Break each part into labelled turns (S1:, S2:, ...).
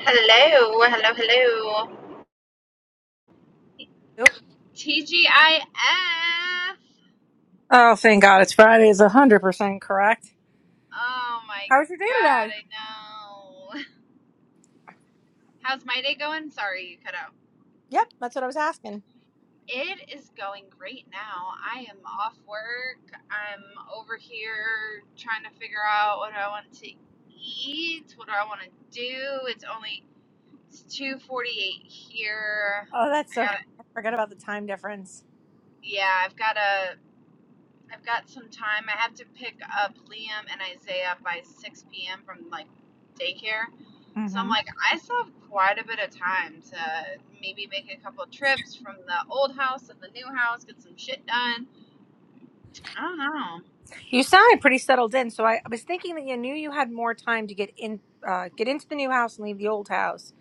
S1: Hello, hello, hello.
S2: Nope.
S1: TGIF.
S2: Oh, thank God. It's Friday is 100% correct.
S1: Oh my
S2: How was your day
S1: god,
S2: today?
S1: I know. How's my day going? Sorry, you cut out.
S2: Yep, that's what I was asking.
S1: It is going great now. I am off work. I'm over here trying to figure out what I want to eat. What do I want to do? It's only it's 2:48 here.
S2: Oh, that's
S1: I
S2: so funny.
S1: got to
S2: I forgot about the time difference.
S1: yeah, I've got to I've got some time. I have to pick up Liam and Isaiah by 6 p.m. from like daycare. So I'm
S2: hmm
S1: like, I still have quite a bit of time to maybe make a couple trips from the old house to the new house, get some shit done. I don't know.
S2: You sounded pretty settled in, so I, I was thinking that you knew you had more time to get in, uh, get into the new house and leave the old house,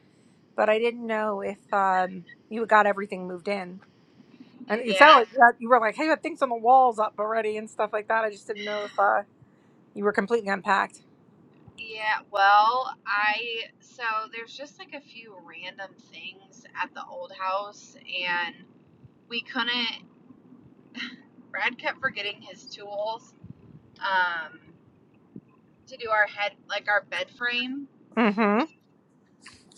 S2: but I didn't know if um, you got everything moved in. And it sounded
S1: Yeah,
S2: like you, had- you were like, "Hey, I have things on the walls up already and stuff like that." I just didn't know if uh, you were completely unpacked.
S1: yeah. Well, I so there's just like a few random things at the old house, and we couldn't. Brad kept forgetting his tools um, to do our head, like our bed frame.
S2: Mm-hmm.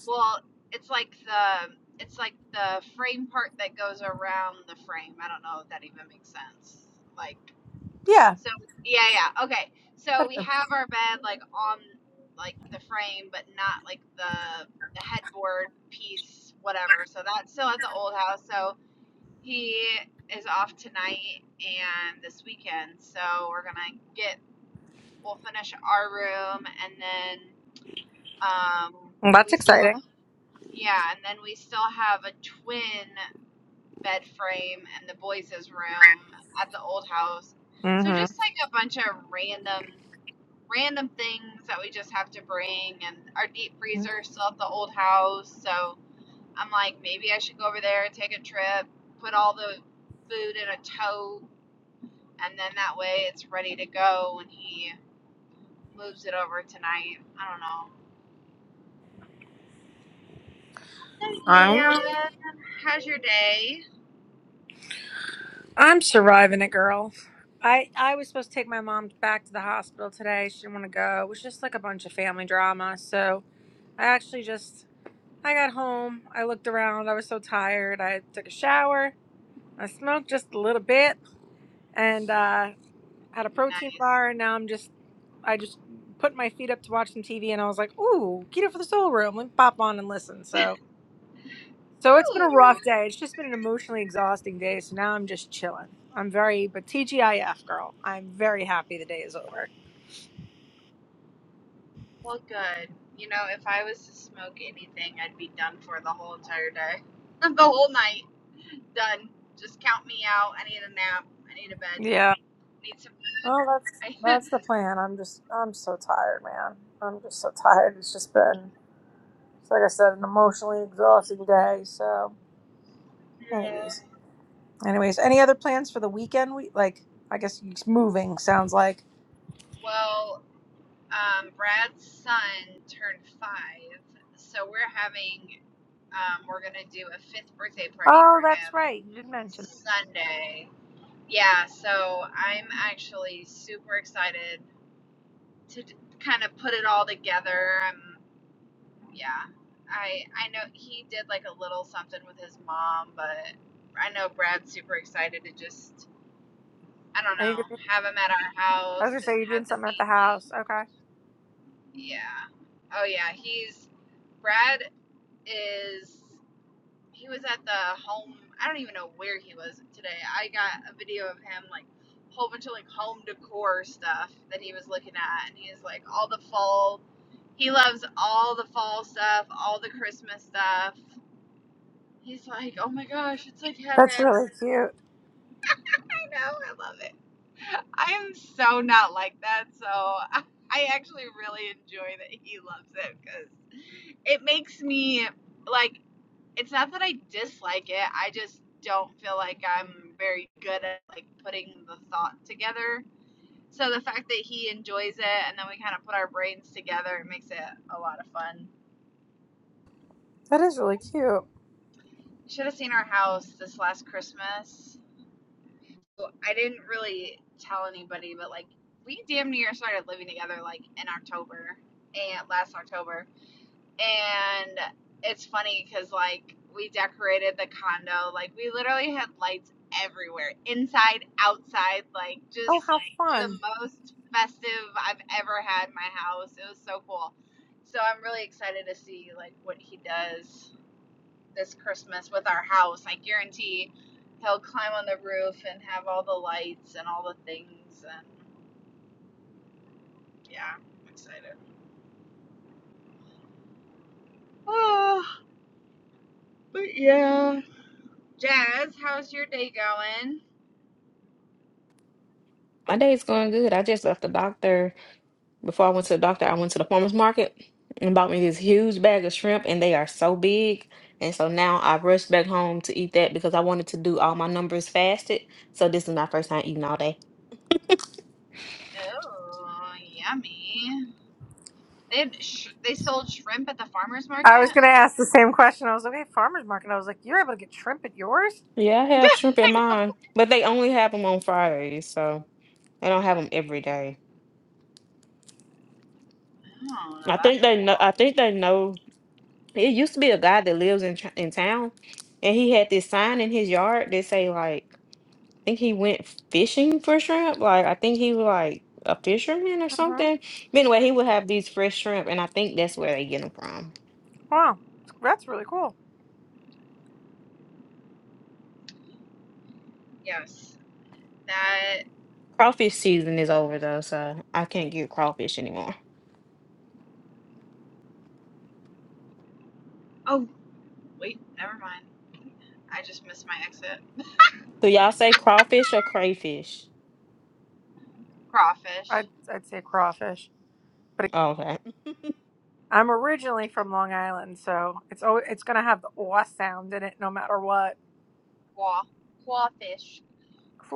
S1: Well, it's like the it's like the frame part that goes around the frame. I don't know if that even makes sense. Like
S2: Yeah,
S1: so yeah, yeah. Okay. So we
S2: better.
S1: have our bed like on like the frame but not like the the headboard piece whatever. So that's still at the old house. So he is off tonight and this weekend. So we're going to get we'll finish our room and then um
S2: Well, That's
S1: we still
S2: exciting.
S1: yeah, and then we still have a twin bed frame in the boys' room at the old house. So just
S2: Mm-hmm.
S1: like a bunch of random random things that we just have to bring and our deep freezer is still at the old house. So I'm like maybe I should go over there, take a trip, put all the food in a tote and then that way it's ready to go when he moves it over tonight. I don't know. So
S2: I don't
S1: yeah,
S2: know.
S1: how's your day?
S2: I'm surviving it, girl. I I was supposed to take my mom back to the hospital today. She didn't want to go. It was just like a bunch of family drama. So I actually just I got home. I looked around. I was so tired. I took a shower. I smoked just a little bit and uh, had a protein
S1: Nice.
S2: bar. And now I'm just I just put my feet up to watch some TV. And I was like, ooh, keto for the soul room. Let me pop on and listen. So so it's been a
S1: Ooh.
S2: rough day. It's just been an emotionally exhausting day. So now I'm just chilling. I'm very, but TGIF, girl. I'm very happy the day is over.
S1: Well, good. You know, if I was to smoke anything, I'd be done for the whole entire day. The whole night. Done. Just count me out. I need a nap. I need a bed.
S2: Yeah.
S1: Need some.
S2: Well, that's
S1: I,
S2: that's the plan. I'm just, I'm so tired, man. I'm just so tired. It's just been, it's like I said, an emotionally exhausting day. So,
S1: yeah.
S2: anyways, anyways, any other plans for the weekend? We like, I guess you- moving sounds like.
S1: Well, um, Brad's son turned five, so we're having, um, we're gonna do a fifth birthday party for
S2: Oh, that's
S1: him
S2: right. You did mention.
S1: Sunday. Yeah, so I'm actually super excited to kind of put it all together. Yeah. I I know he did like a little something with his mom, but I know Brad's super excited to just I don't
S2: Are you gonna-
S1: know, have him at our
S2: I was
S1: house
S2: gonna say
S1: and
S2: you're doing
S1: have the
S2: something at the
S1: family.
S2: house. Okay.
S1: Yeah. Oh yeah, he's Brad is he was at the home I don't even know where he was today. I got a video of him like whole bunch of like home decor stuff that he was looking at and he's like all the fall he loves all the fall stuff, all the Christmas stuff. He's like, oh my gosh, it's like
S2: That's
S1: heaven.
S2: really cute.
S1: I know, I love it. I am so not like that, so I actually really enjoy that he loves it because it makes me like. It's not that I dislike it. I just don't feel like I'm very good at like putting the thought together. So the fact that he enjoys it and then we kind of put our brains together, it makes it a lot of fun.
S2: That is really cute.
S1: You should have seen our house this last Christmas So, I didn't really tell anybody, but like we damn near started living together like in October and last October. And it's funny because like we decorated the condo, like we literally had lights everywhere, inside, outside, like
S2: Oh,
S1: just
S2: how
S1: the
S2: fun.
S1: most festive I've ever had in my house. It was so cool. So I'm really excited to see like what he does this Christmas with our house. I guarantee he'll climb on the roof and have all the lights and all the things. And yeah, I'm excited. Oh, but yeah. Jazz, how's your day going?
S3: My day's going good. I just left the doctor. Before I went to the doctor, I went to the farmer's market and bought me this huge bag of shrimp, and they are so big. And so now I rushed back home to eat that because I wanted to do all my numbers fasted. So this is my first time eating all day.
S1: Oh, yummy. They had sh- they sold shrimp at the farmers market.
S2: I was going to ask the same question. I was like, hey, farmer's market. I was like, you're able to get shrimp at yours?
S3: Yeah, I
S1: oh,
S3: have shrimp in mine, but they only have them on Fridays, so they don't have them every day.
S1: now
S3: I think
S1: that's a
S3: they know.
S1: cool.
S3: I think they know. It used to be a guy that lives in Ch- in town, and he had this sign in his yard that say like. think he went fishing for shrimp. Like I think he was like a fisherman or
S2: hmm
S3: something. But anyway, he would have these fresh shrimp, and I think that's where they get them from.
S2: Wow. That's really cool.
S1: Yes, that.
S3: Crawfish season is over though, so I can't get crawfish anymore.
S1: Oh, wait, never mind. I just missed my exit.
S3: Do y'all say crawfish or crayfish?
S1: Crawfish,
S2: I'd, I'd say crawfish. But it-
S3: Oh, okay,
S2: I'm originally from Long Island, so it's always, it's going to have the aw sound in it no matter what.
S1: quaw, quawfish,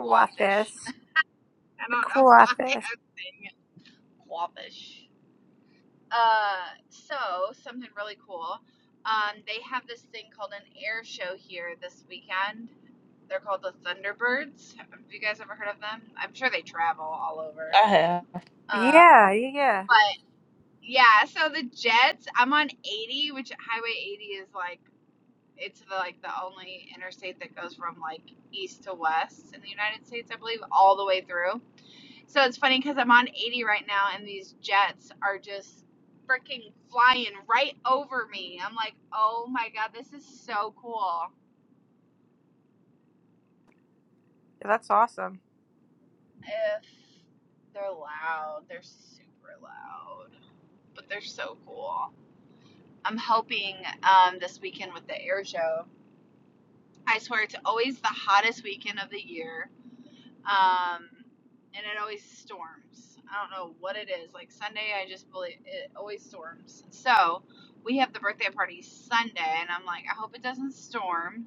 S1: quawfish. I
S2: The
S1: don't know why
S2: crawfish.
S1: I'm saying it Wabash. Uh, so something really cool. Um, they have this thing called an air show here this weekend. They're called the Thunderbirds. Have you guys ever heard of them? I'm sure they travel all over.
S3: I have.
S1: Um,
S2: Yeah, yeah, yeah.
S1: but yeah, so the jets. I'm on 80, which Highway 80 is like it's the, like the only interstate that goes from like east to west in the United States, I believe, all the way through. So it's funny because I'm on 80 right now, and these jets are just freaking flying right over me. I'm like, oh my god, this is so cool.
S2: That's awesome.
S1: If they're loud, they're super loud, but they're so cool. I'm hoping um, this weekend with the air show. I swear it's always the hottest weekend of the year. Um, and it always storms. I don't know what it is. Like Sunday, I just believe it always storms. So we have the birthday party Sunday, and I'm like, I hope it doesn't storm.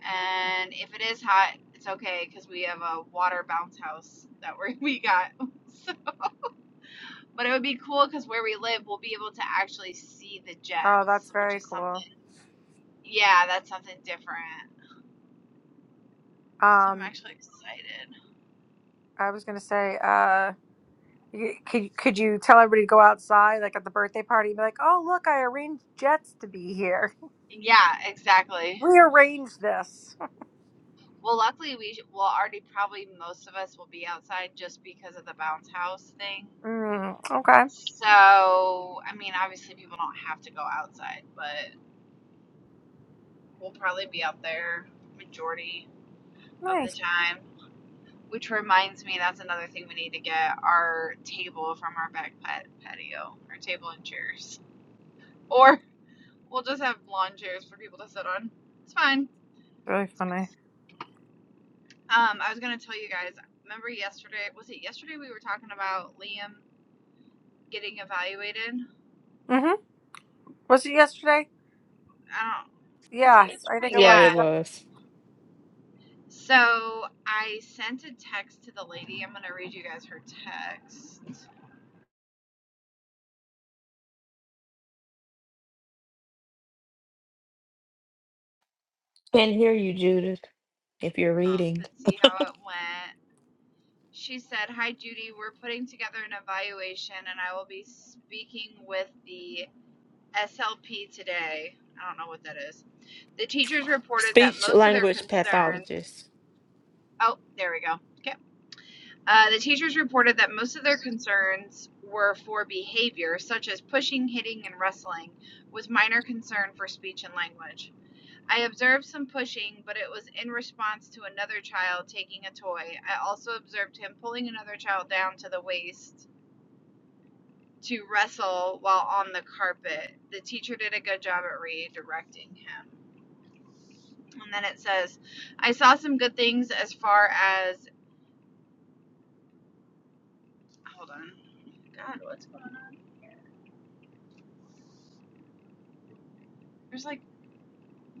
S1: And if it is hot, it's okay because we have a water bounce house that we we got. but it would be cool because where we live, we'll be able to actually see the
S2: Oh, that's
S1: jets, which
S2: very
S1: is something.
S2: cool.
S1: Yeah, that's something different. So I'm
S2: Um,
S1: actually excited.
S2: I was gonna say, uh, you, could could you tell everybody to go outside, like at the birthday party, and be like, "Oh, look, I arranged Jets to be here.
S1: Yeah, exactly.
S2: We arranged this."
S1: Well, luckily we sh- will already probably most of us will be outside just because of the bounce house thing.
S2: Mm, okay,
S1: So, I mean, obviously people don't have to go outside, but we'll probably be out there majority of the
S2: nice.
S1: time. Which reminds me, that's another thing we need to get our table from our back pat- patio, our table and chairs, or we'll just have lawn chairs for people to sit on. It's fine.
S2: Really funny.
S1: Um, I was gonna tell you guys. Remember yesterday? Was it yesterday we were talking about Liam getting evaluated.
S2: Mm-hmm. Was it yesterday?
S1: I don't. What's it
S2: Yes, I think
S1: yesterday?
S2: it
S3: Yeah,
S1: Yeah.
S2: was.
S3: it was.
S1: So I sent a text to the lady. I'm gonna read you guys her text
S3: Can't hear you, Judith. If you're
S1: um,
S3: reading,
S1: and see how it went. She said, "Hi Judy, we're putting together an evaluation, and I will be speaking with the SLP today. I don't know what that is. The teachers reported that
S3: speech
S1: most of their
S3: language
S1: concerns.
S3: pathologist.
S1: Oh, there we go. Okay. Uh, the teachers reported that most of their concerns were for behavior, such as pushing, hitting, and wrestling, with minor concern for speech and language. I observed some pushing, but it was in response to another child taking a toy. I also observed him pulling another child down to the waist to wrestle while on the carpet. The teacher did a good job at redirecting him. And then it says, I saw some good things as far as. Hold on. God, what's going on? There's like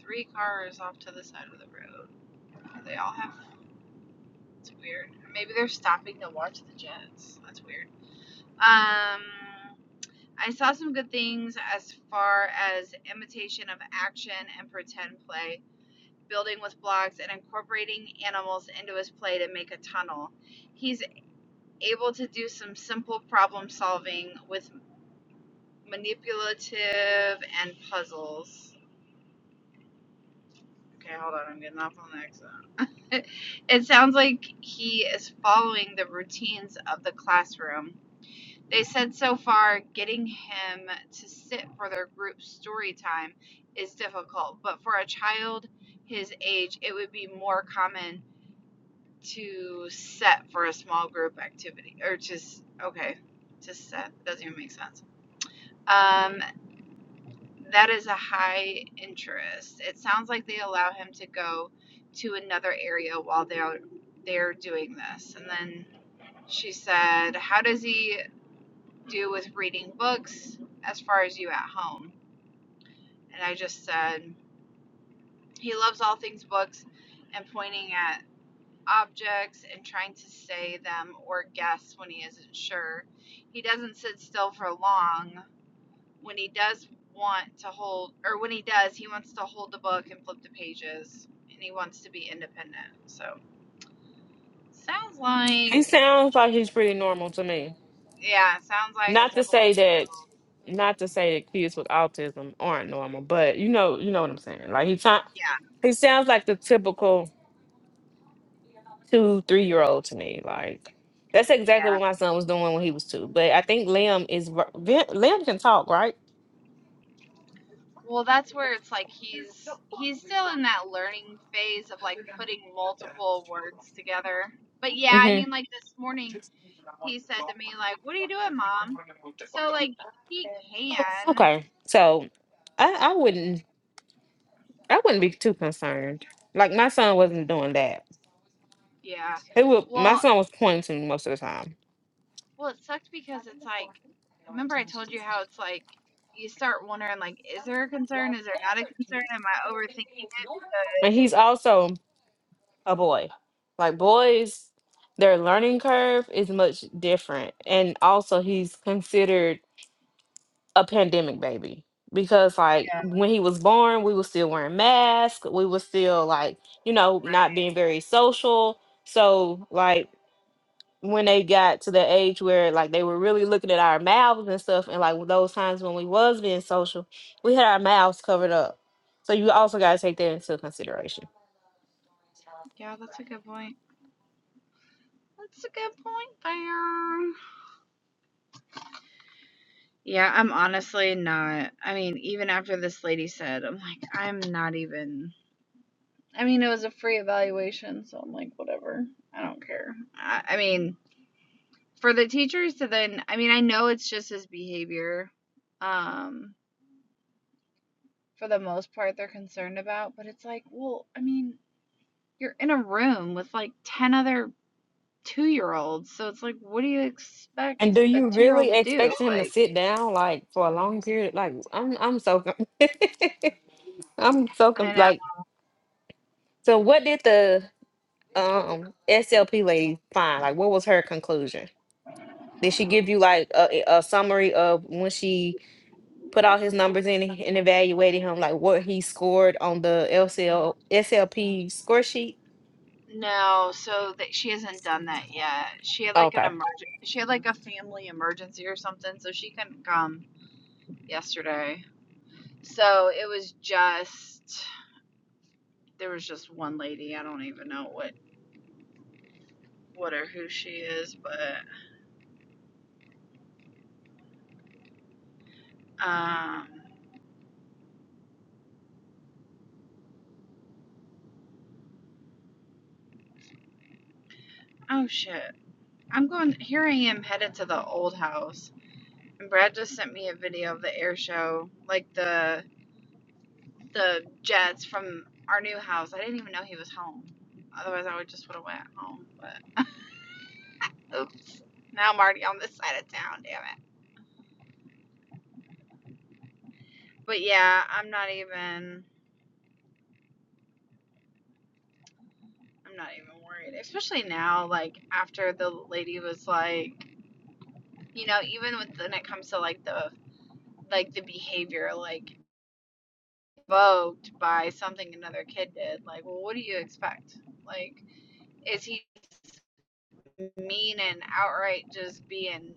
S1: three cars off to the side of the road. They all have. It's weird. Maybe they're stopping to watch the Jets. That's weird. Um, I saw some good things as far as imitation of action and pretend play, building with blocks, and incorporating animals into his play to make a tunnel. He's able to do some simple problem solving with manipulative and puzzles. Okay, hold on. I'm getting off on the exit. It, it sounds like he is following the routines of the classroom. They said so far getting him to sit for their group story time is difficult, but for a child his age, it would be more common to set for a small group activity or just okay, to set doesn't even make sense. Um, that is a high interest. It sounds like they allow him to go to another area while they're they're doing this. And then she said, "How does he do with reading books as far as you at home?" And I just said, "He loves all things books and pointing at objects and trying to say them or guess when he isn't sure. He doesn't sit still for long, when he does want to hold, or when he does, he wants to hold the book and flip the pages, and he wants to be independent. So sounds like,
S3: He sounds like he's pretty normal to me.
S1: yeah, sounds like a
S3: Not to
S1: typical
S3: say that,
S1: two-year-old.
S3: not to say that kids with autism aren't normal, but you know, you know what I'm saying. Like he trying,
S1: Yeah,
S3: he sounds like the typical two, three year old to me. Like that's exactly
S1: yeah.
S3: what my son was doing when he was two. But I think Liam is ver- Vin- Liam can talk, right?
S1: Well, that's where it's like he's he's still in that learning phase of like putting multiple words together. But yeah, I
S3: hmm
S1: mean, like this morning he said to me like, "What are you doing, mom?" So like he can,
S3: Okay, so I, I wouldn't, I wouldn't be too concerned. Like my son wasn't doing that.
S1: yeah.
S3: He would,
S1: Well,
S3: my son was pointing most of the time,
S1: Well, it sucked because it's like, remember I told you how it's like you start wondering like, is there a concern? Is there not a concern? Am I overthinking it?
S3: and
S1: Because
S3: he's also a boy. Like boys, their learning curve is much different. And also he's considered a pandemic baby because like
S1: yeah,
S3: when he was born, we were still wearing masks, we were still like, you know,
S1: right.
S3: not being very social. So like when they got to the age where like they were really looking at our mouths and stuff and like those times when we was being social, we had our mouths covered up. So you also got to take that into consideration.
S1: Yeah, that's a good point. That's a good point there. Yeah, I'm honestly not. I mean, even after this lady said, I'm like, I'm not even. I mean, it was a free evaluation, so I'm like, whatever. I don't care. I, I mean, for the teachers to then, I mean, I know it's just his behavior. Um, for the most part they're concerned about. But it's like, well, I mean, you're in a room with like 10 other two year olds. So it's like, what do you
S3: And
S1: expect
S3: do
S1: a
S3: you
S1: two year old
S3: really
S1: to do?
S3: expect him to
S1: Like,
S3: sit down like for a long period? Like I'm, I'm so, con- I'm so
S1: I
S3: con-
S1: know.
S3: like. So what did the um SLP lady find? Like, what was her conclusion? Did she give you like a, a summary of when she put all his numbers in and and evaluated him, like what he scored on the LCL SLP score sheet?
S1: No, so that she hasn't done that yet. She had like an
S3: Okay.
S1: emergency. She had like a family emergency or something, so she couldn't come yesterday. So it was just there was just one lady. I don't even know what what or who she is, but um oh shit. I'm going. Here I am headed to the old house, and Brad just sent me a video of the air show, like the the jets from our new house. I didn't even know he was home. Otherwise, I would just would have went home. But oops, now I'm already on this side of town. Damn it. But yeah, I'm not even. I'm not even worried, especially now. Like after the lady was like, you know, even with when it comes to like the like the behavior, like provoked by something another kid did. Like, well, what do you expect? Like, is he mean and outright just being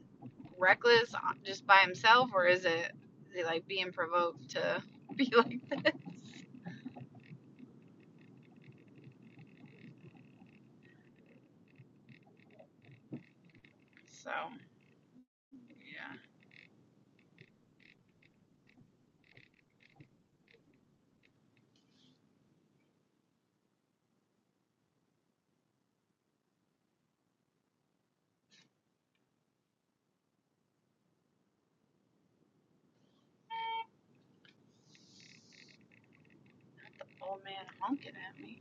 S1: reckless uh, just by himself, or is it, is he like being provoked to be like so? Yeah, Not The old man honking at me.